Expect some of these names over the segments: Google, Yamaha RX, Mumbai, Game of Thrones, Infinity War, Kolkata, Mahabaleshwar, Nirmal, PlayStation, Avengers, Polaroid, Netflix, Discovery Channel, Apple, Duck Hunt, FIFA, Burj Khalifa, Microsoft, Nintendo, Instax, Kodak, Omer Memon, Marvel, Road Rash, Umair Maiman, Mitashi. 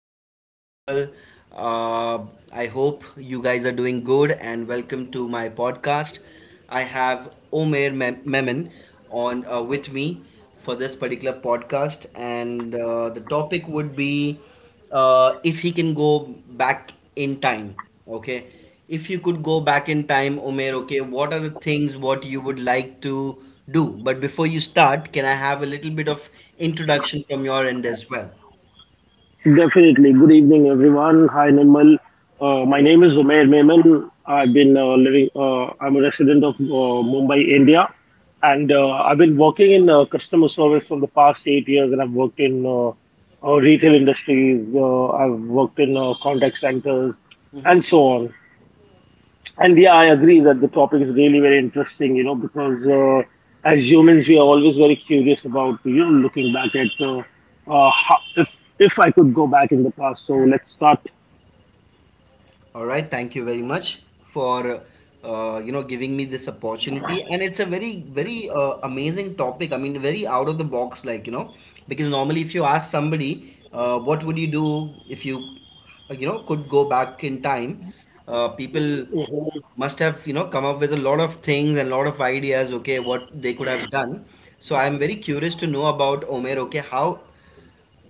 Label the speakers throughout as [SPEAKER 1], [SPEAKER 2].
[SPEAKER 1] This is Nirmal. Uh, I hope you guys are doing good and welcome to my podcast. I have Omer Memon on with me for this particular podcast, and the topic would be if he can go back in time. Okay, if you could go back in time, Omer. Okay, what are the things what you would like to do? But before you start, can I have a little bit of introduction from your end as well?
[SPEAKER 2] Definitely. Good evening, everyone. Hi, Nirmal. My
[SPEAKER 1] Hello.
[SPEAKER 2] name is Umair Maiman. I've been living. I'm a resident of Mumbai, India, and I've been working in customer service for the past 8 years. And I've worked in retail industries. I've worked in contact centers,
[SPEAKER 1] Hmm.
[SPEAKER 2] and so on. And yeah, I agree that the topic is really very interesting, you know, because as humans, we are always very curious about, you know, looking back at if I could go back in the past. So let's start.
[SPEAKER 1] All right, thank you very much for giving me this opportunity, and it's a very very amazing topic. I mean, very out of the box, like, because normally if you ask somebody, what would you do if you you know could go back in time, people must have come up with a lot of things and a lot of ideas. Okay, what they could have done. So I'm very curious to know about Omer. Okay, how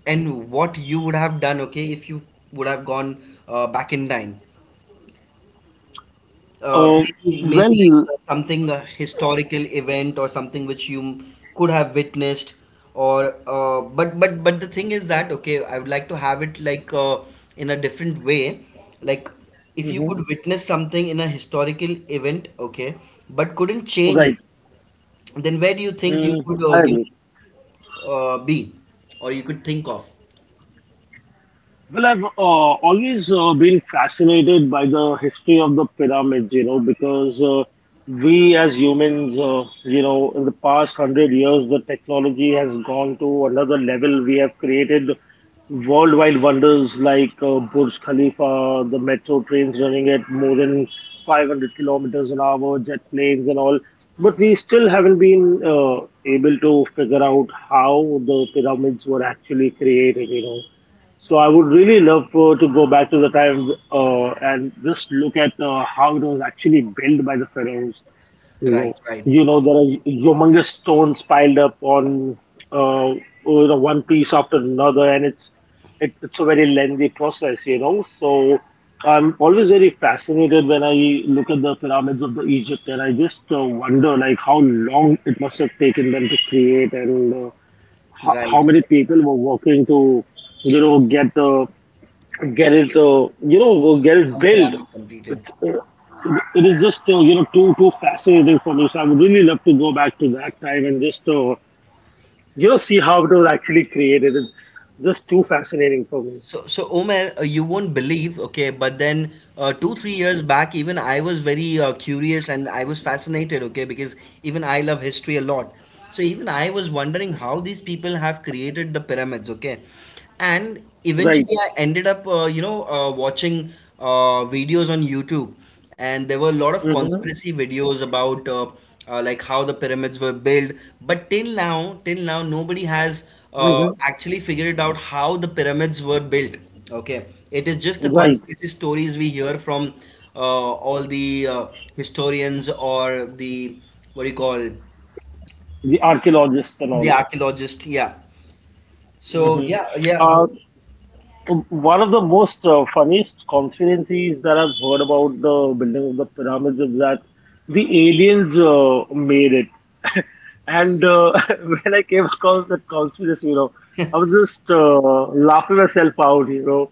[SPEAKER 1] and what you would have done, okay, if you would have gone back in time,
[SPEAKER 2] Uh,
[SPEAKER 1] maybe,
[SPEAKER 2] well,
[SPEAKER 1] something a historical event or something which you could have witnessed, or but the thing is that, okay, I would like to have it like, in a different way. Like, if you could
[SPEAKER 2] mhm,
[SPEAKER 1] witness something in a historical event, okay, but couldn't change it,
[SPEAKER 2] right.
[SPEAKER 1] then where do you think you
[SPEAKER 2] Mhm,
[SPEAKER 1] could
[SPEAKER 2] I agree.
[SPEAKER 1] be, or you could think of?
[SPEAKER 2] Well, I've always been fascinated by the history of the pyramids, you know, because we as humans, you know, in the past 100 years, the technology has gone to another level. We have created worldwide wonders like Burj Khalifa, the metro trains running at more than 500 kilometers an hour, jet planes, and all. But we still haven't been able to figure out how the pyramids were actually created, you know. So I would really love to go back to the time and just look at how it was actually built by the pharaohs. You
[SPEAKER 1] Right,
[SPEAKER 2] know,
[SPEAKER 1] right,
[SPEAKER 2] you know there are humongous stones piled up on uh, you know one piece after another, and it's a very lengthy process. You know, so I'm always very fascinated when I look at the pyramids of the Egypt, and I just wonder like how long it must have taken them to create and how
[SPEAKER 1] right,
[SPEAKER 2] many
[SPEAKER 1] right.
[SPEAKER 2] people were working to you know get it you know get it
[SPEAKER 1] One
[SPEAKER 2] built.
[SPEAKER 1] pyramid completed.
[SPEAKER 2] it's, uh, it is just you know too fascinating for me, so I would really love to go back to that time and just you know see how it was actually created. It's just too
[SPEAKER 1] So,
[SPEAKER 2] fascinating for me.
[SPEAKER 1] so so Omer, you won't believe, okay, but then two, 3 years back, even I was very curious, and I was fascinated, okay, because even I love history a lot. So even I was wondering how these people have created the pyramids, okay, and
[SPEAKER 2] Right.
[SPEAKER 1] eventually I ended up watching videos on YouTube. And there were a lot of
[SPEAKER 2] Mm-hmm.
[SPEAKER 1] conspiracy videos about like how the pyramids were built, but till now nobody has
[SPEAKER 2] Mm-hmm.
[SPEAKER 1] actually figured out how the pyramids were built. Okay, it is just the
[SPEAKER 2] Right.
[SPEAKER 1] conspiracy stories we hear from all the historians, or the, what do you call,
[SPEAKER 2] The archaeologists and
[SPEAKER 1] the
[SPEAKER 2] all.
[SPEAKER 1] archaeologist. Yeah, so
[SPEAKER 2] Mm-hmm.
[SPEAKER 1] yeah, yeah,
[SPEAKER 2] Uh,
[SPEAKER 1] it's
[SPEAKER 2] One of the most funniest conspiracies that I've heard about the building of the pyramids is that the aliens made it. And when I came across that conspiracy, you know, I was just laughing myself out, you know,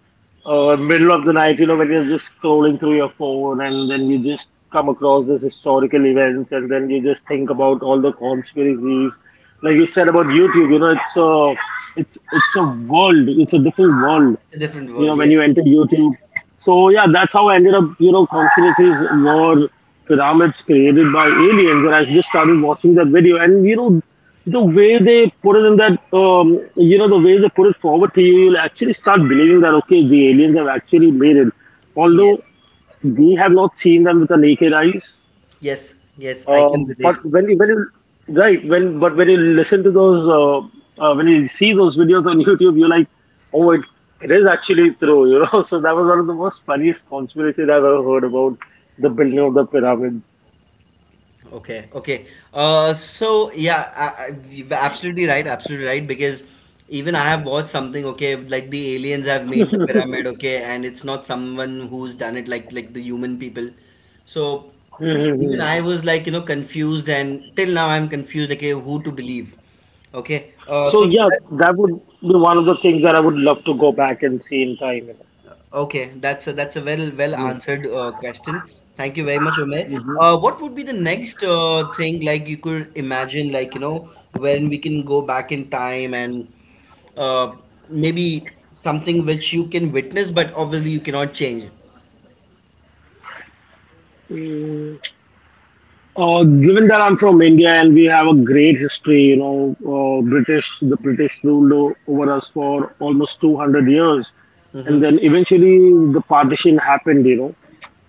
[SPEAKER 2] middle of the night, you know, when you're just scrolling through your phone and then you just come across this historical events and then you just think about all the conspiracies. Like you said about YouTube, you know, it's a world, it's a different world,
[SPEAKER 1] a different
[SPEAKER 2] you
[SPEAKER 1] world.
[SPEAKER 2] know, when you
[SPEAKER 1] Yes,
[SPEAKER 2] entered YouTube. So yeah, that's how I ended up, you know, conspiracies were pyramids created by aliens, and I just started watching that video, and you know, the way they put it in that, you know, the way they put it forward to you, you'll actually start believing that okay, the aliens have actually made it,
[SPEAKER 1] yes,
[SPEAKER 2] although we have not seen them with the naked eyes.
[SPEAKER 1] yes, yes, I can relate.
[SPEAKER 2] When you right when you listen to those when you see those videos on YouTube, you're like, oh, it, it is actually true, you know. So that was one of the most funniest conspiracies I've ever heard about the building of the pyramid.
[SPEAKER 1] Okay, okay. So yeah, you're absolutely right, absolutely right. Because even I have watched something. Okay, like the aliens have made the pyramid. Okay, and it's not someone who's done it, like the human people. So even
[SPEAKER 2] Mhm.
[SPEAKER 1] I was like, confused, and till now I'm confused. Like, okay, who to believe? Okay.
[SPEAKER 2] So
[SPEAKER 1] So
[SPEAKER 2] yeah,
[SPEAKER 1] that's
[SPEAKER 2] that would be one of the things that I would love to go back and see in time.
[SPEAKER 1] Okay, that's a well
[SPEAKER 2] You
[SPEAKER 1] answered question. Thank you very much, Umair. What would be the next thing, like you could imagine, like, when we can go back in time and uh, maybe something which you can witness, but obviously you cannot change.
[SPEAKER 2] know. Given that I'm from India and we have a great history, you know, the British ruled over us for almost 200 years, and
[SPEAKER 1] Mm-hmm.
[SPEAKER 2] then eventually the partition happened, you know.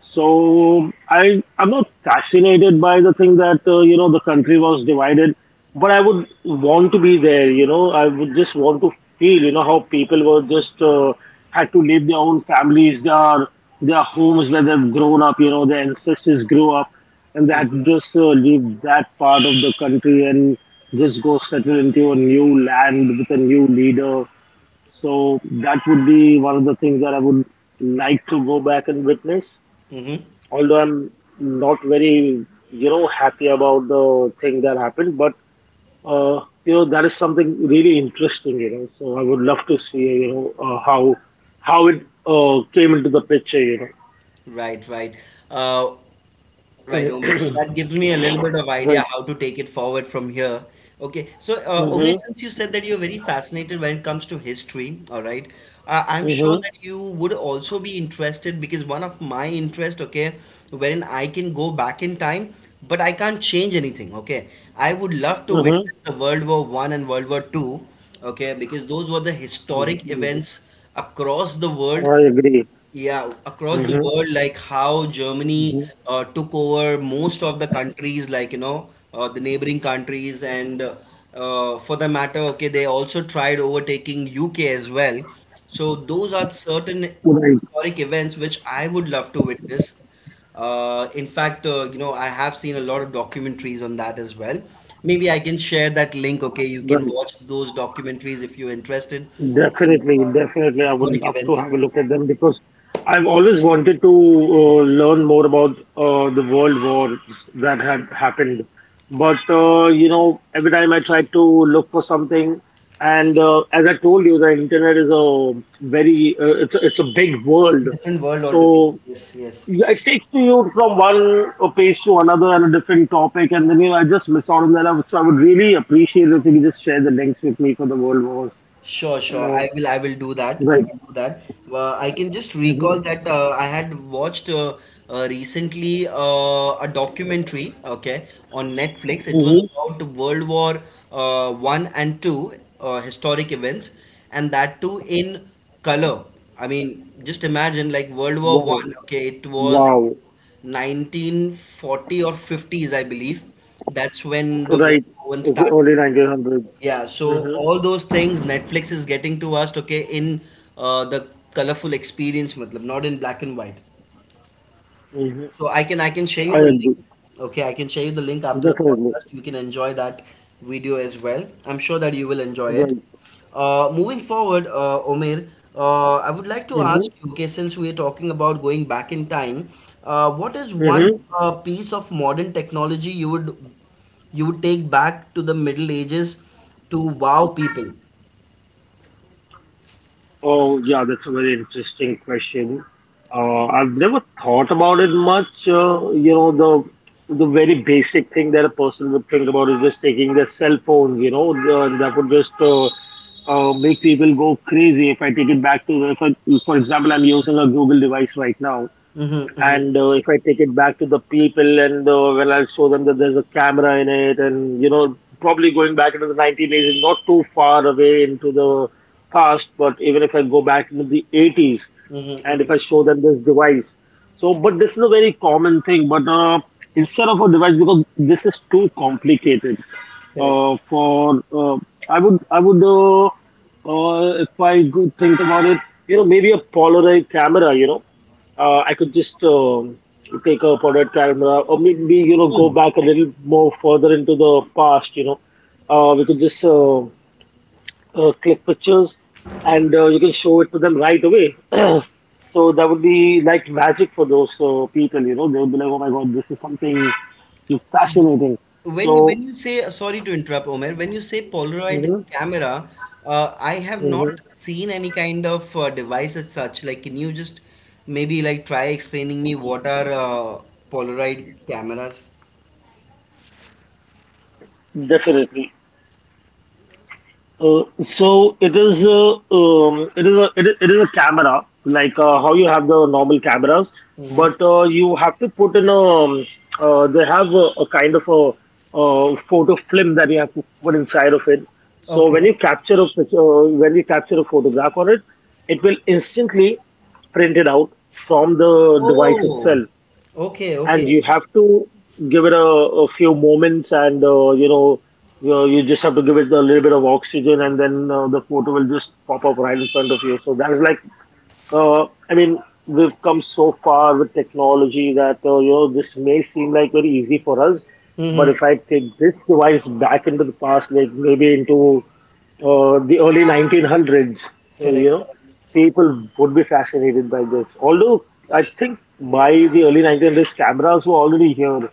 [SPEAKER 2] So I'm not fascinated by the thing that you know the country was divided, but I would want to be there. You know, I would just want to feel you know how people were just had to leave their own families, their homes where they've grown up. You know, their ancestors grew up, and they that just leave that part of the country and just go settle into a new land with a new leader. So that would be one of the things that I would like to go back and witness,
[SPEAKER 1] Mm-hmm.
[SPEAKER 2] although I'm not very, you know, happy about the thing that happened, but you know, that is something really interesting, you know. So I would love to see, you know, how it came into the picture, you know.
[SPEAKER 1] Right, right. Uh, Right, Umesh. So that gives me a little bit of idea
[SPEAKER 2] Right.
[SPEAKER 1] how to take it forward from here. Okay. So, Umesh,
[SPEAKER 2] Mm-hmm.
[SPEAKER 1] since you said that you're very fascinated when it comes to history, all right, I'm sure
[SPEAKER 2] Mm-hmm.
[SPEAKER 1] that you would also be interested, because one of my interest, okay, wherein I can go back in time, but I can't change anything, okay. I would love to
[SPEAKER 2] Mm-hmm.
[SPEAKER 1] witness the World War One and World War Two, okay, because those were the historic events across the world.
[SPEAKER 2] I agree.
[SPEAKER 1] Yeah, across the
[SPEAKER 2] Mm-hmm.
[SPEAKER 1] world, like how Germany
[SPEAKER 2] Mm-hmm.
[SPEAKER 1] took over most of the countries, like, the neighboring countries, and for the matter, okay, they also tried overtaking UK as well. So those are certain
[SPEAKER 2] Right.
[SPEAKER 1] historic events which I would love to witness. In fact, I have seen a lot of documentaries on that as well. Maybe I can share that link, okay? You can
[SPEAKER 2] Right.
[SPEAKER 1] watch those documentaries if you're interested in
[SPEAKER 2] Definitely, definitely. I would
[SPEAKER 1] historic
[SPEAKER 2] love to
[SPEAKER 1] events.
[SPEAKER 2] have a look at them because I've always wanted to learn more about the world wars that have happened. But you know, every time I try to look for something, and as I told you, the internet is a very it's a big world.
[SPEAKER 1] Different world altogether.
[SPEAKER 2] So
[SPEAKER 1] Yes, yes.
[SPEAKER 2] yeah, it takes to you from one page to another and a different topic, and then you know I just miss out on that. I would- So I would really appreciate if you could just share the links with me for the world wars.
[SPEAKER 1] Sure,
[SPEAKER 2] You
[SPEAKER 1] sure.
[SPEAKER 2] know.
[SPEAKER 1] I will do that.
[SPEAKER 2] Right.
[SPEAKER 1] I will do that. I can just recall
[SPEAKER 2] Mm-hmm.
[SPEAKER 1] that I had watched recently a documentary. Okay, on Netflix. It was
[SPEAKER 2] Mm-hmm.
[SPEAKER 1] about World War One and Two historic events, and that too in color. I mean, just imagine, like World War
[SPEAKER 2] Wow.
[SPEAKER 1] One. Okay, it was
[SPEAKER 2] Wow.
[SPEAKER 1] 1940 or 50s, I believe. That's when the
[SPEAKER 2] Right.
[SPEAKER 1] World War One
[SPEAKER 2] It's
[SPEAKER 1] started.
[SPEAKER 2] early 1900s.
[SPEAKER 1] Yeah, so
[SPEAKER 2] Mm-hmm.
[SPEAKER 1] all those things Netflix is getting to us, okay, in the colorful experience, matlab, not in black and white.
[SPEAKER 2] Mm-hmm.
[SPEAKER 1] So I can share you
[SPEAKER 2] I
[SPEAKER 1] the link.
[SPEAKER 2] agree.
[SPEAKER 1] Okay, I can share you the link after the
[SPEAKER 2] Definitely.
[SPEAKER 1] podcast. You can enjoy that video as well. I'm sure that you will enjoy it.
[SPEAKER 2] Right.
[SPEAKER 1] Moving forward, Omer, I would like to
[SPEAKER 2] Mm-hmm.
[SPEAKER 1] ask you, okay, since we are talking about going back in time, what is one
[SPEAKER 2] Mm-hmm.
[SPEAKER 1] piece of modern technology you would take back to the Middle Ages to wow people?
[SPEAKER 2] Oh, yeah, that's a very interesting question. I've never thought about it much. You know, the very basic thing that a person would think about is just taking their cell phone. You know, and that would just make people go crazy. If I take it back to, if I, for example, I'm using a Google device right now,
[SPEAKER 1] Mm-hmm, mm-hmm,
[SPEAKER 2] and if I take it back to the people and when I'll show them that there's a camera in it, and you know probably going back into the 1980s, not too far away into the past, but even if I go back into the 80s
[SPEAKER 1] mm-hmm,
[SPEAKER 2] and
[SPEAKER 1] mm-hmm.
[SPEAKER 2] if I show them this device, so but this is a very common thing. But Instead of a device, because this is too complicated
[SPEAKER 1] Correct.
[SPEAKER 2] for I would if I go think about it, you know, maybe a Polaroid camera, you know, I could just take a product camera, or maybe you know go
[SPEAKER 1] Mm.
[SPEAKER 2] back a little more further into the past. You know, we could just click pictures, and you can show it to them right away. So that would be like magic for those people. You know, they would be like, "Oh my God, this is something
[SPEAKER 1] The-
[SPEAKER 2] fascinating."
[SPEAKER 1] When
[SPEAKER 2] So,
[SPEAKER 1] when you say, sorry to interrupt, Omer, when you say Polaroid
[SPEAKER 2] mhm,
[SPEAKER 1] camera, I have not
[SPEAKER 2] mhm,
[SPEAKER 1] seen any kind of device as such. Like, can you just maybe like try explaining me what are Polaroid cameras?
[SPEAKER 2] definitely. So it is a it is a it is a camera like how you have the normal cameras,
[SPEAKER 1] Mm-hmm.
[SPEAKER 2] but you have to put in a they have a kind of photo film that you have to put inside of it. So
[SPEAKER 1] Okay.
[SPEAKER 2] when you capture a picture, when you capture a photograph on it, it will instantly print it out from the device
[SPEAKER 1] Oh.
[SPEAKER 2] itself,
[SPEAKER 1] Okay.
[SPEAKER 2] and
[SPEAKER 1] Okay.
[SPEAKER 2] you have to give it a few moments, and you know you just have to give it a little bit of oxygen, and then the photo will just pop up right in front of you. So that is like uh, I mean, we've come so far with technology that you know this may seem like very easy for us, but
[SPEAKER 1] Mm-hmm.
[SPEAKER 2] if I take this device back into the past, like maybe into the early 1900s,
[SPEAKER 1] Correct.
[SPEAKER 2] you know, people would be fascinated by this. Although I think by the early 1900s, cameras were already here,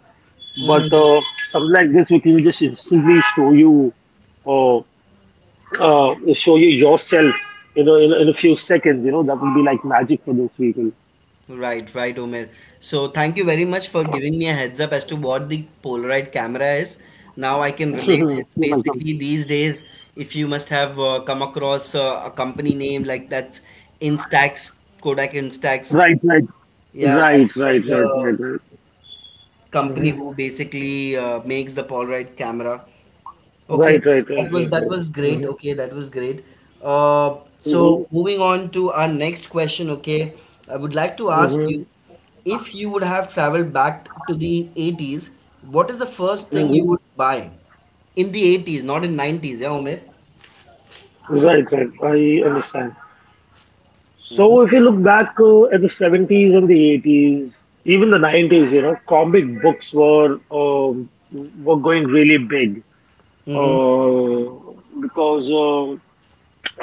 [SPEAKER 2] but
[SPEAKER 1] Correct.
[SPEAKER 2] something like this we can just instantly show you. Uh, Show you yourself, you know, in a few seconds. You know, that would be like magic for those people.
[SPEAKER 1] Right, right, Omer. So thank you very much for giving me a heads up as to what the Polaroid camera is. Now I can relate.
[SPEAKER 2] you
[SPEAKER 1] It's
[SPEAKER 2] like, um,
[SPEAKER 1] basically these days, if you must have come across a company name like that's Instax, Kodak Instax.
[SPEAKER 2] right, right,
[SPEAKER 1] Yeah,
[SPEAKER 2] right,
[SPEAKER 1] that's one
[SPEAKER 2] right,
[SPEAKER 1] of
[SPEAKER 2] right, right,
[SPEAKER 1] the
[SPEAKER 2] right.
[SPEAKER 1] company
[SPEAKER 2] Mhm.
[SPEAKER 1] who basically makes the Polaroid camera. Okay,
[SPEAKER 2] Right, right, right,
[SPEAKER 1] that was
[SPEAKER 2] right,
[SPEAKER 1] that
[SPEAKER 2] right.
[SPEAKER 1] was great.
[SPEAKER 2] Mhm.
[SPEAKER 1] Okay, that was great. So moving on to our next question. Okay, I would like to ask
[SPEAKER 2] Mhm.
[SPEAKER 1] you, if you would have traveled back to the 80s, what is the first thing you would buy in the 80s, not in 90s? Yeah, Omer.
[SPEAKER 2] Right, right. I understand.
[SPEAKER 1] Mm-hmm.
[SPEAKER 2] So if you look back at the 70s and the 80s, even the 90s, you know, comic books were going really big, because uh,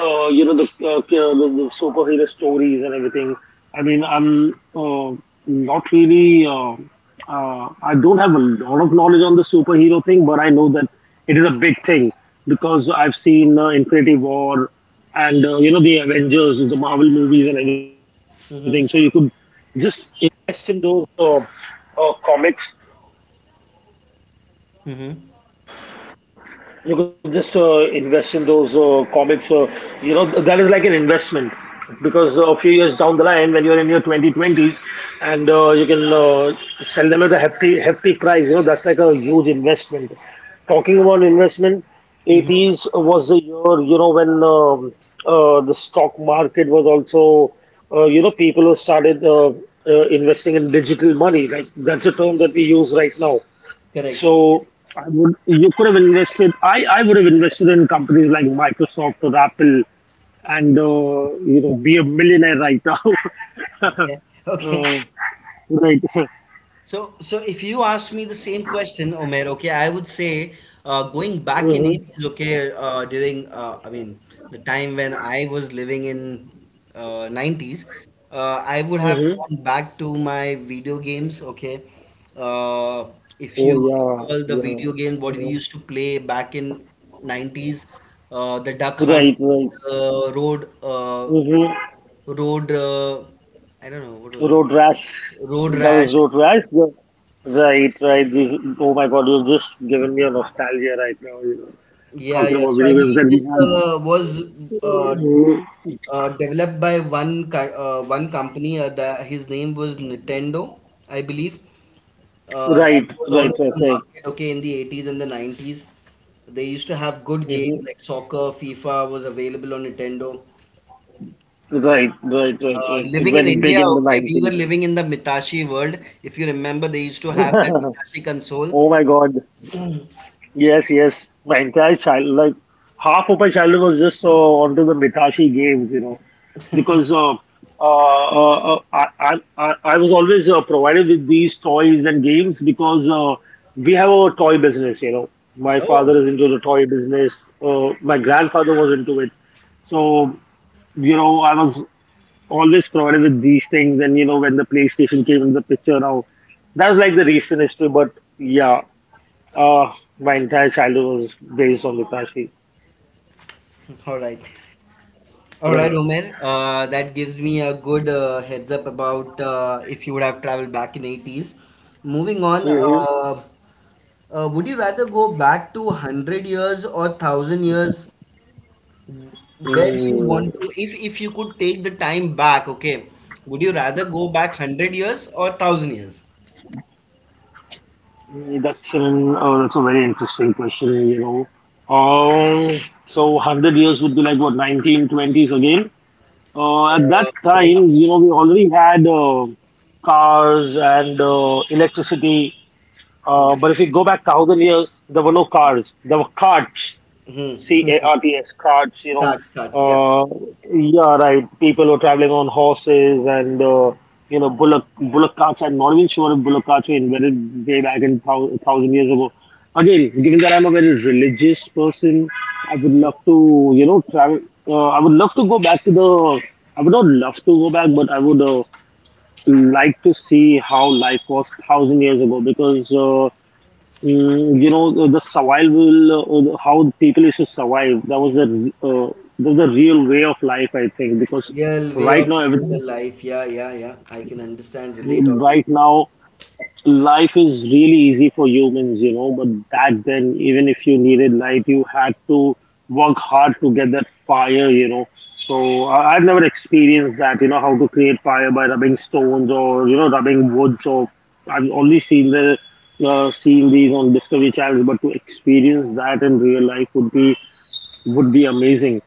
[SPEAKER 2] uh, you know the superhero stories and everything. I mean, I'm not really. I don't have a lot of knowledge on the superhero thing, but I know that it is a big thing, because I've seen Infinity War, and you know the Avengers, the Marvel movies, and everything. So you could
[SPEAKER 1] Mm-hmm.
[SPEAKER 2] just
[SPEAKER 1] Mm-hmm.
[SPEAKER 2] So, a few years down the line when you're in your 2020s and you can sell them at a hefty hefty price, you know, that's like a huge investment. Talking about investment,
[SPEAKER 1] Mm-hmm.
[SPEAKER 2] 80s was the year, you know, when the stock market was also, you know, people who started investing in digital money, like, that's a term that we use right now.
[SPEAKER 1] Correct.
[SPEAKER 2] So you could have invested. I would have invested in companies like Microsoft or Apple and, you know, be a millionaire right now.
[SPEAKER 1] Okay. Okay.
[SPEAKER 2] uh, right.
[SPEAKER 1] So, if you ask me the same question, Omer, okay, I would say going back in
[SPEAKER 2] Hmm.
[SPEAKER 1] 80s, okay, during, I mean, the time when I was living in 90s, I would have
[SPEAKER 2] Hmm.
[SPEAKER 1] gone back to my video games, okay. Uh, if
[SPEAKER 2] Oh,
[SPEAKER 1] you
[SPEAKER 2] yeah,
[SPEAKER 1] recall the
[SPEAKER 2] yeah.
[SPEAKER 1] video game, what we
[SPEAKER 2] Mhm.
[SPEAKER 1] used to play back in 90s, the Duck Hunt,
[SPEAKER 2] Right, right.
[SPEAKER 1] Road,
[SPEAKER 2] Mm-hmm.
[SPEAKER 1] Road, I don't know, what was that?
[SPEAKER 2] Road rash.
[SPEAKER 1] Road
[SPEAKER 2] That
[SPEAKER 1] Rash.
[SPEAKER 2] was road rash. Yeah. Right, right. This, oh my God, you've just given me a nostalgia right now. You know,
[SPEAKER 1] Yeah,
[SPEAKER 2] talking
[SPEAKER 1] yeah.
[SPEAKER 2] about
[SPEAKER 1] So I
[SPEAKER 2] video games
[SPEAKER 1] believe
[SPEAKER 2] that we
[SPEAKER 1] this
[SPEAKER 2] had.
[SPEAKER 1] was uh, developed by one company. His name was Nintendo, I believe. That
[SPEAKER 2] Right,
[SPEAKER 1] was all
[SPEAKER 2] right,
[SPEAKER 1] over
[SPEAKER 2] right,
[SPEAKER 1] the
[SPEAKER 2] right.
[SPEAKER 1] market. Okay, in the 80s and the 90s, they used to have good
[SPEAKER 2] Mm-hmm.
[SPEAKER 1] games like soccer, FIFA was available on Nintendo.
[SPEAKER 2] Right, right, right,
[SPEAKER 1] Uh,
[SPEAKER 2] right. It
[SPEAKER 1] living in
[SPEAKER 2] went big
[SPEAKER 1] India,
[SPEAKER 2] in the
[SPEAKER 1] okay, we were
[SPEAKER 2] nineties.
[SPEAKER 1] living in the Mitashi world. If you remember, they used to have that Mitashi console.
[SPEAKER 2] Oh my God. Yes, yes. Like half of my childhood was just, onto the Mitashi games, you know, because uh, uh, uh, I, I, I was always provided with these toys and games because we have a toy business, you know. My
[SPEAKER 1] oh,
[SPEAKER 2] father is into the toy business. My grandfather was into it. So, you know, I was always provided with these things. And, you know, when the PlayStation came in the picture now, that was like the recent history. But yeah, uh, my entire childhood was based on Lukashi.
[SPEAKER 1] all right. All
[SPEAKER 2] Right.
[SPEAKER 1] right, Omer. That gives me a good heads up about if you would have traveled back in 80s. Moving on,
[SPEAKER 2] Mm-hmm.
[SPEAKER 1] would you rather go back to 100 years or 1000 years? Where do you
[SPEAKER 2] Mm,
[SPEAKER 1] want to, if you could take the time back, okay, would you rather go back 100 years or 1000 years?
[SPEAKER 2] that's a very interesting question, you know. Um, so 100 years would be like what, 1920s again. At that
[SPEAKER 1] Correct?
[SPEAKER 2] time, you know, we already had cars and electricity. But if you go back thousand years, there were no cars. There were carts.
[SPEAKER 1] Mm-hmm.
[SPEAKER 2] Carts, carts, you know.
[SPEAKER 1] Cards, cards, yeah.
[SPEAKER 2] Uh, yeah, right. People were traveling on horses and, you know, bullock carts. I'm not even sure if bullock carts were invented way back in thousand years ago. Again, given that I'm a very religious person, I would
[SPEAKER 1] Mhm.
[SPEAKER 2] love to, you know, travel. I would love to go back to the. I would not love to go back, but I would like to see how life was thousand years ago. Because, you know, the survival, how people used to survive, that was that was the real way of life, I think, because
[SPEAKER 1] Real way
[SPEAKER 2] right
[SPEAKER 1] of
[SPEAKER 2] now,
[SPEAKER 1] living the
[SPEAKER 2] everything,
[SPEAKER 1] life. Yeah, yeah, yeah. I can understand, relate always.
[SPEAKER 2] right now, life is really easy for humans, you know. But back then, even if you needed light, you had to work hard to get that fire, you know. So I've never experienced that, you know, how to create fire by rubbing stones or, you know, rubbing woods. Or I've only seen these on Discovery Channel, but to experience that in real life would be amazing.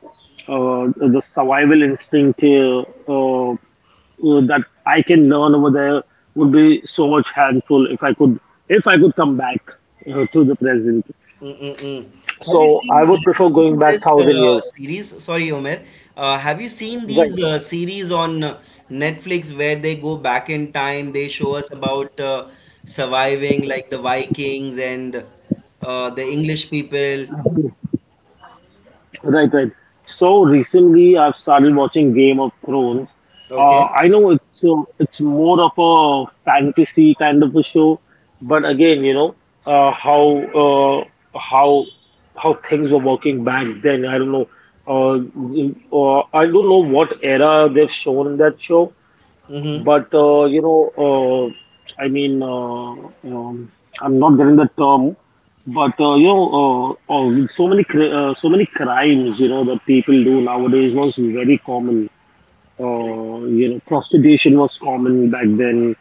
[SPEAKER 2] The survival instinct, uh, that I can learn over there would be so much helpful if I could come back to the present.
[SPEAKER 1] Mm-mm-mm. Have you
[SPEAKER 2] So
[SPEAKER 1] seen
[SPEAKER 2] I would
[SPEAKER 1] have you
[SPEAKER 2] prefer going
[SPEAKER 1] seen
[SPEAKER 2] back
[SPEAKER 1] this
[SPEAKER 2] thousand years.
[SPEAKER 1] series? Sorry, Omer. Have you seen
[SPEAKER 2] Right.
[SPEAKER 1] these series on Netflix, where they go back in time? They show us about surviving, like the Vikings and the English people.
[SPEAKER 2] Right, right. So recently, I've started watching Game of Thrones.
[SPEAKER 1] Okay.
[SPEAKER 2] I know it's more of a fantasy kind of a show, but again, you know, uh, how uh, how how things were working back then. I don't know. Uh, I don't know what era they've shown in that show,
[SPEAKER 1] Mm-hmm.
[SPEAKER 2] but, you know, I mean, um, I'm not getting the term, but, you know, so many crimes, you know, that people do nowadays was very common.
[SPEAKER 1] Correct.
[SPEAKER 2] You know, prostitution was common back then.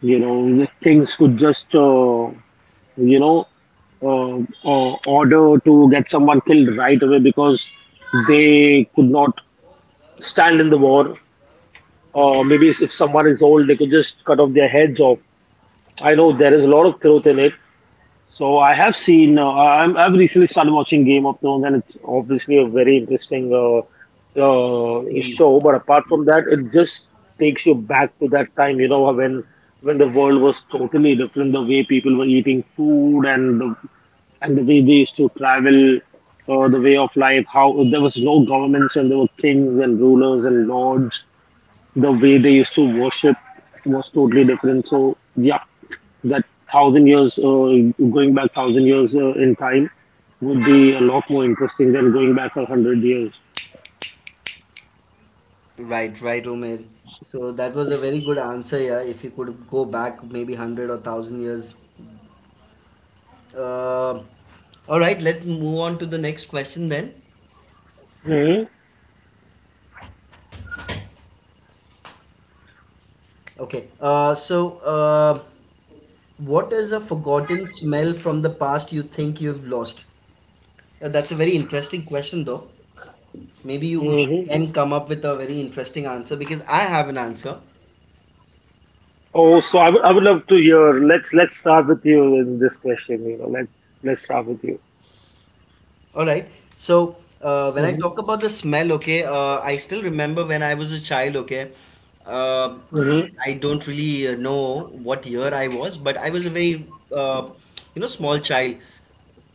[SPEAKER 2] You know, things could just you know uh, order to get someone killed right away because they could not stand in the war.
[SPEAKER 1] Mm-hmm.
[SPEAKER 2] Or maybe if someone is old, they could just cut off their heads off. I know there is a lot of truth in it. So I have seen. I've recently started watching Game of Thrones, and it's obviously a very interesting
[SPEAKER 1] Series.
[SPEAKER 2] show. But apart
[SPEAKER 1] Yeah.
[SPEAKER 2] from that, it just takes you back to that time, you know, when the world was totally different. The way people were eating food, and and the way they used to travel, the way of life. How there was no governments, and there were kings and rulers and lords. The way they used to worship was totally different. So yeah, that going back thousand years in time would
[SPEAKER 1] Yeah.
[SPEAKER 2] be a lot more interesting than going back a hundred years.
[SPEAKER 1] Right, right, Omer. So that was a very good answer, yeah. If you could go back maybe 100 or 1000 years. Uh, All right, let's move on to the next question then.
[SPEAKER 2] Mm-hmm.
[SPEAKER 1] Okay. What is a forgotten smell from the past you think you've lost? That's a very interesting question, though. Maybe you
[SPEAKER 2] Mm-hmm.
[SPEAKER 1] can come up with a very interesting answer because I have an answer.
[SPEAKER 2] Oh, so I would love to hear. Let's start with you in this question. You know, let's start with you.
[SPEAKER 1] All right. So when I
[SPEAKER 2] Mm-hmm.
[SPEAKER 1] talk about the smell, okay, I still remember when I was a child, okay. Uh,
[SPEAKER 2] Mm-hmm.
[SPEAKER 1] I don't really know what year I was, but I was a very, uh, small child.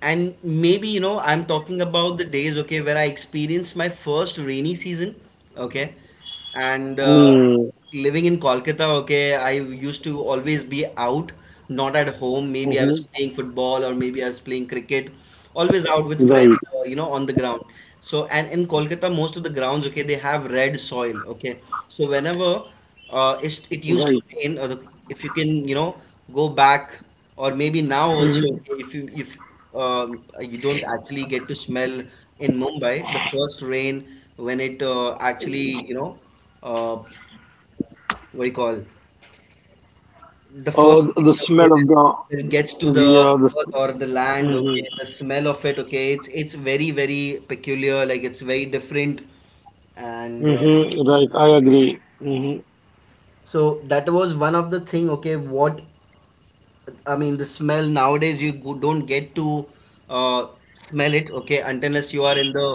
[SPEAKER 1] And maybe, I'm talking about the days, okay, where I experienced my first rainy season, okay. And
[SPEAKER 2] Mm-hmm.
[SPEAKER 1] living in Kolkata, okay, I used to always be out, not at home. Maybe I was
[SPEAKER 2] Mm-hmm.
[SPEAKER 1] playing football or maybe I was playing cricket, always out with
[SPEAKER 2] Right.
[SPEAKER 1] friends, on the ground. So, and in Kolkata, most of the grounds, okay, they have red soil, okay. So, whenever it used to
[SPEAKER 2] Right.
[SPEAKER 1] rain, or if you can, go back, or maybe now also,
[SPEAKER 2] Mm-hmm.
[SPEAKER 1] okay, if you don't actually get to smell in Mumbai, the first rain when it actually, you know, uh, what do you call, the first plane, okay, when it gets to the earth or the land,
[SPEAKER 2] Mm-hmm.
[SPEAKER 1] okay, the smell of it, okay, it's very very peculiar, like it's very different. And
[SPEAKER 2] Mm-hmm. Right. I agree. Mm-hmm.
[SPEAKER 1] so that was one of the thing, okay, what I mean, the smell nowadays you don't get to uh, smell it, okay, until unless you are in the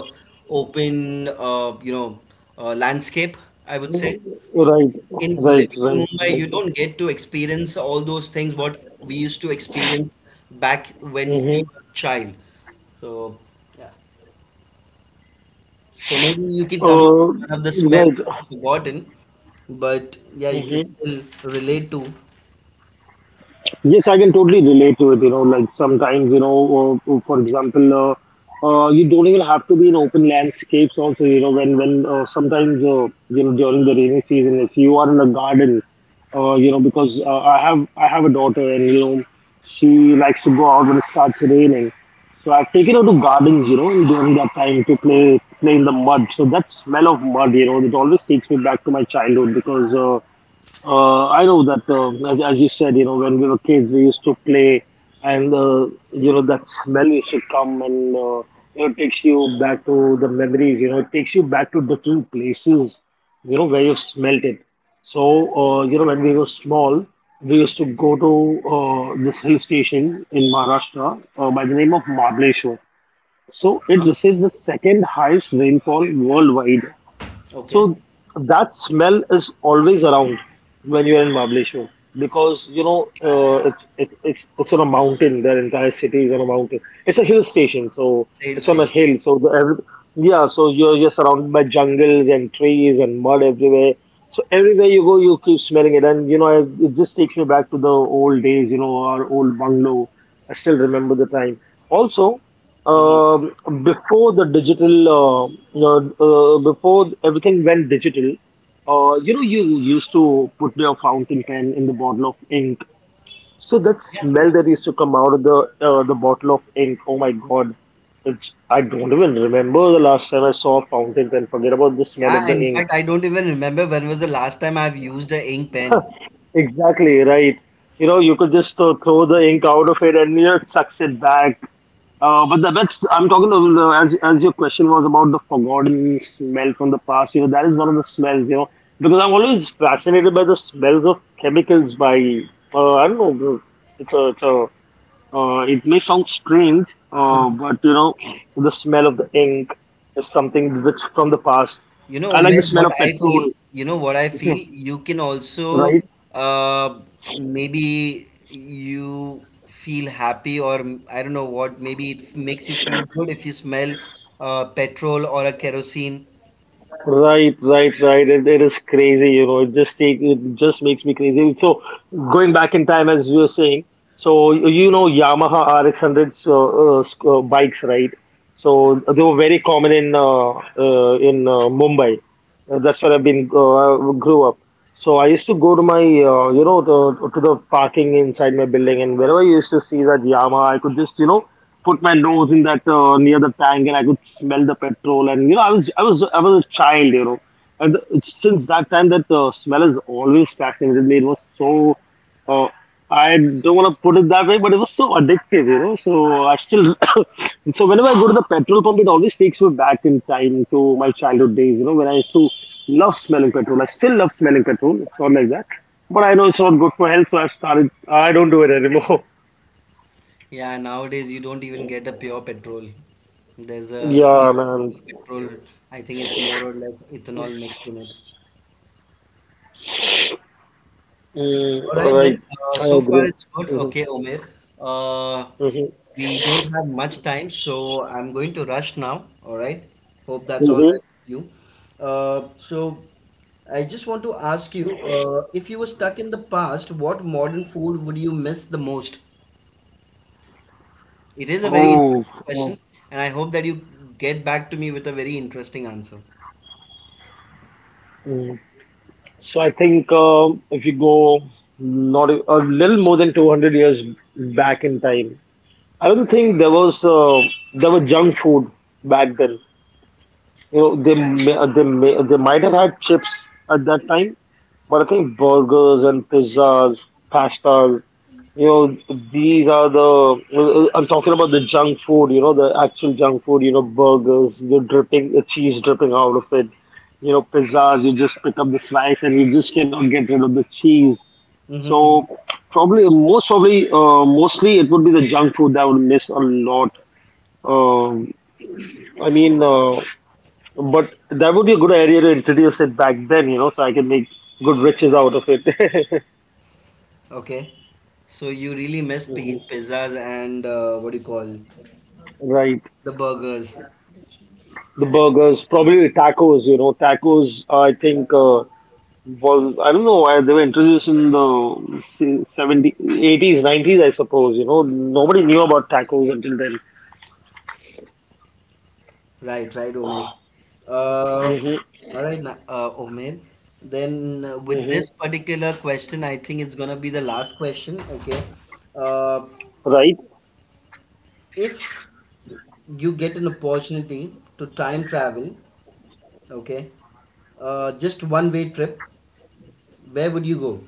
[SPEAKER 1] open landscape, I would say.
[SPEAKER 2] Right. Right.
[SPEAKER 1] In
[SPEAKER 2] Right.
[SPEAKER 1] living in Mumbai, you
[SPEAKER 2] Right.
[SPEAKER 1] don't get to experience all those things what we used to experience back when we
[SPEAKER 2] Mm-hmm.
[SPEAKER 1] were a child. So, yeah. So maybe you can come up with one of the smell
[SPEAKER 2] Right.
[SPEAKER 1] which you have forgotten, but yeah, you can
[SPEAKER 2] Mm-hmm.
[SPEAKER 1] still relate to.
[SPEAKER 2] Yes, I can totally relate to it. You know, like sometimes, you know, for example, you don't even have to be in open landscapes. Also, you know, when sometimes, you know, during the rainy season, if you are in a garden, you know, because I have a daughter, and, you know, she likes to go out when it starts raining. So I've taken her to gardens, you know, during that time to play in the mud. So that smell of mud, you know, it always takes me back to my childhood. Because, I know that, as you said, you know, when we were kids, we used to play, and, you know, that smell used to come, and it takes you back to the memories. You know, it takes you back to different places, you know, where you smelt it. So, you know, when we were small, we used to go to this hill station in Maharashtra, by the name of Mahabaleshwar.
[SPEAKER 1] Uh-huh,
[SPEAKER 2] So, it
[SPEAKER 1] uh-huh.
[SPEAKER 2] receives the second highest rainfall worldwide,
[SPEAKER 1] Okay.
[SPEAKER 2] so that smell is always around when you're in Mahabaleshwar, because, you know, it's on a mountain. Their entire city is on a mountain. It's a hill station, so
[SPEAKER 1] Sales
[SPEAKER 2] it's on a
[SPEAKER 1] station.
[SPEAKER 2] hill. So yeah, so you're surrounded by jungles and trees and mud everywhere. So everywhere you go, you keep smelling it, and, you know, it just takes me back to the old days. You know, our old bungalow. I still remember the time also.
[SPEAKER 1] Hmm.
[SPEAKER 2] Um, Before the digital, you know, before everything went digital, you know, you used to put your fountain pen in the bottle of ink. So that
[SPEAKER 1] Yeah,
[SPEAKER 2] smell
[SPEAKER 1] yeah.
[SPEAKER 2] that used to come out of the the bottle of ink. Oh my God, it's I don't even remember the last time I saw a fountain pen. Forget about the smell of
[SPEAKER 1] Yeah,
[SPEAKER 2] the
[SPEAKER 1] in fact,
[SPEAKER 2] ink.
[SPEAKER 1] I don't even remember when was the last time I've used a ink pen.
[SPEAKER 2] Exactly, right. You know, you could just throw the ink out of it, and, you know, it sucks it back. But the, that's I'm talking of as your question was about the forgotten smell from the past. You know, that is one of the smells. You know, because I'm always fascinated by the smells of chemicals. By I don't know. It's a, it may sound strange, but you know, the smell of the ink is something which from the past.
[SPEAKER 1] You
[SPEAKER 2] I
[SPEAKER 1] know,
[SPEAKER 2] like the
[SPEAKER 1] Umesh,
[SPEAKER 2] smell of petrol,
[SPEAKER 1] you know what I feel, you can also
[SPEAKER 2] right?
[SPEAKER 1] uh, maybe you feel happy or I don't know what, maybe it makes you feel good if you smell petrol or a kerosene.
[SPEAKER 2] Right, right, right. It is crazy, you know. It just makes me crazy. So going back in time, as you were saying, so you know, Yamaha RX hundreds, bikes, right? So they were very common in, in Mumbai. That's where I've been, grew up. So I used to go to my, you know, to the parking inside my building, and wherever I used to see that Yamaha, I could just, you know, put my nose in that, near the tank, and I could smell the petrol. And you know, I was a child, you know, and since that time, that smell has always fascinated me. It was so Oh, I don't want to put it that way, but it was so addictive, you know. So whenever I go to the petrol pump, it always takes me back in time to my childhood days, you know, when I used to love smelling petrol. I still love smelling petrol. It's not like that, but I know it's not good for health, so I started. I don't do it anymore.
[SPEAKER 1] Yeah, nowadays you don't even get a pure petrol. There's a e
[SPEAKER 2] Yeah, man.
[SPEAKER 1] petrol, I think it's more or less ethanol mixed in it.
[SPEAKER 2] Mm,
[SPEAKER 1] All
[SPEAKER 2] all
[SPEAKER 1] right then.
[SPEAKER 2] right,
[SPEAKER 1] Uh,
[SPEAKER 2] I
[SPEAKER 1] so far
[SPEAKER 2] agree.
[SPEAKER 1] it's good.
[SPEAKER 2] Mm-hmm.
[SPEAKER 1] Okay, Omer. Uh, we don't have much time, so I'm going to rush now. All right. Hope that's all
[SPEAKER 2] Mm-hmm.
[SPEAKER 1] right with you. So I just want to ask you, if you were stuck in the past, what modern food would you miss the most? It is a very interesting
[SPEAKER 2] Mm-hmm.
[SPEAKER 1] question,
[SPEAKER 2] Oh.
[SPEAKER 1] and I hope that you get back to me with a very interesting answer.
[SPEAKER 2] Oh. So I think, if you go, not a, a little more than 200 years back in time, I don't think there was, there were junk food back then. You know, they might have had chips at that time, but I think burgers and pizzas, pastas, you know, these are the. I'm talking about the junk food. You know, the actual junk food. You know, burgers. You're dripping the cheese, dripping out of it. You know, pizzas. You just pick up the slice and you just cannot get rid of the cheese.
[SPEAKER 1] Mm-hmm.
[SPEAKER 2] So, probably most probably mostly it would be the junk food that would miss a lot. Um, I mean, but that would be a good area to introduce it back then, you know, so I can make good riches out of it.
[SPEAKER 1] Okay. So you really miss
[SPEAKER 2] Mhm.
[SPEAKER 1] pizzas and what do you call
[SPEAKER 2] Right.
[SPEAKER 1] the burgers.
[SPEAKER 2] The
[SPEAKER 1] The cheesy
[SPEAKER 2] burgers,
[SPEAKER 1] ones.
[SPEAKER 2] probably tacos, you know, tacos, I think, I don't know why they were introduced in the 70s, 80s, 90s, I suppose, you know, nobody knew about tacos until then.
[SPEAKER 1] Right, right, Umaid. Uh,
[SPEAKER 2] Hmm.
[SPEAKER 1] all right, Umaid. Then with
[SPEAKER 2] Hmm.
[SPEAKER 1] this particular question, I think it's gonna be the last question. Okay. Uh,
[SPEAKER 2] Right.
[SPEAKER 1] if you get an opportunity to time travel, okay, just one way trip, where would you go?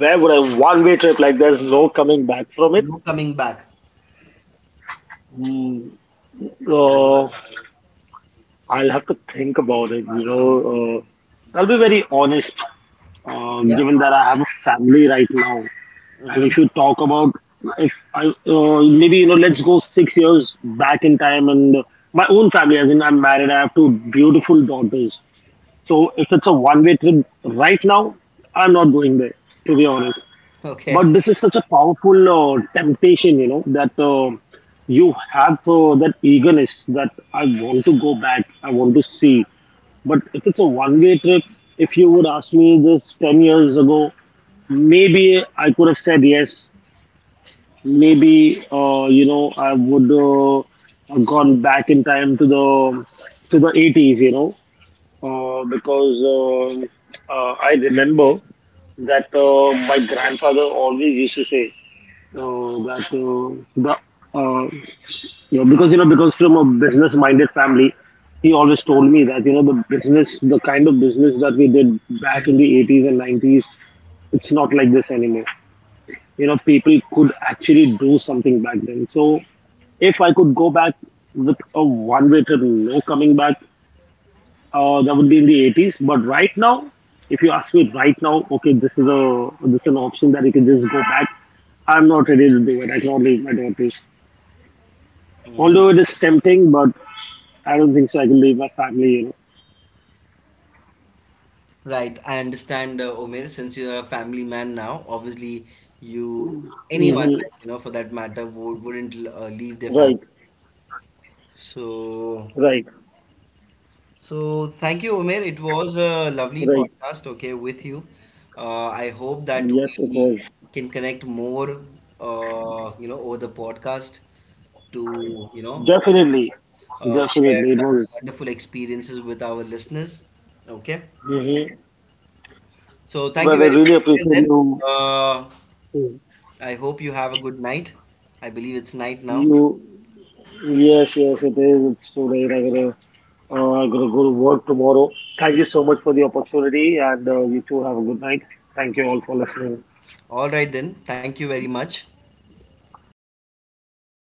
[SPEAKER 2] Where would I, one way trip, like there's no coming back from it.
[SPEAKER 1] No coming back.
[SPEAKER 2] Mm. I'll have to think about it. You know, I'll be very honest.
[SPEAKER 1] Yeah.
[SPEAKER 2] Given that I have a family right now, and
[SPEAKER 1] Mm-hmm.
[SPEAKER 2] if you talk about, if I maybe, you know, let's go 6 years back in time, and my own family, as in I'm married, I have two beautiful daughters. So if it's a one-way trip right now, I'm not going there, to be honest.
[SPEAKER 1] Okay.
[SPEAKER 2] But this is such a powerful temptation, you know, that you have that eagerness, that I want to go back, I want to see. But if it's a one way trip, if you would ask me this 10 years ago, maybe I could have said yes. Maybe, you know, I would have gone back in time to the 80s, you know, because, I remember that my grandfather always used to say, that, the uh, yeah, because, you know, because from a business-minded family, he always told me that, you know, the business, the kind of business that we did back in the 80s and 90s, it's not like this anymore. You know, people could actually do something back then. So if I could go back with a one-way trip, no coming back, that would be in the 80s. But right now, if you ask me right now, okay, this is a, this is an option that you can just go back. I'm not ready to do it. I cannot leave my daughters.
[SPEAKER 1] Mm-hmm.
[SPEAKER 2] Although it is tempting, but I don't think so. I can leave my family, you
[SPEAKER 1] Right, I understand, Omer, since you're a family man now, obviously you,
[SPEAKER 2] know.
[SPEAKER 1] anyone,
[SPEAKER 2] Mm-hmm.
[SPEAKER 1] like, for that matter, wouldn't leave their family.
[SPEAKER 2] Right,
[SPEAKER 1] So,
[SPEAKER 2] right,
[SPEAKER 1] so thank you, Omer. It was a lovely
[SPEAKER 2] right.
[SPEAKER 1] podcast, okay, with you. I hope that
[SPEAKER 2] Yes, it
[SPEAKER 1] we
[SPEAKER 2] was.
[SPEAKER 1] can connect more, over the podcast to
[SPEAKER 2] Definitely,
[SPEAKER 1] share
[SPEAKER 2] definitely, it
[SPEAKER 1] some
[SPEAKER 2] was.
[SPEAKER 1] wonderful experiences with our listeners. Okay.
[SPEAKER 2] Mm-hmm.
[SPEAKER 1] So thank you
[SPEAKER 2] But I
[SPEAKER 1] very much,
[SPEAKER 2] really
[SPEAKER 1] Omer,
[SPEAKER 2] appreciate
[SPEAKER 1] then.
[SPEAKER 2] you.
[SPEAKER 1] Uh, I hope you have a good night. I believe it's night now.
[SPEAKER 2] You, yes, yes, it is. It's too late. I gotta go to work tomorrow. Thank you so much for the opportunity, and you too have a good night. Thank you all for listening.
[SPEAKER 1] All right, then. Thank you very much.
[SPEAKER 2] Yes.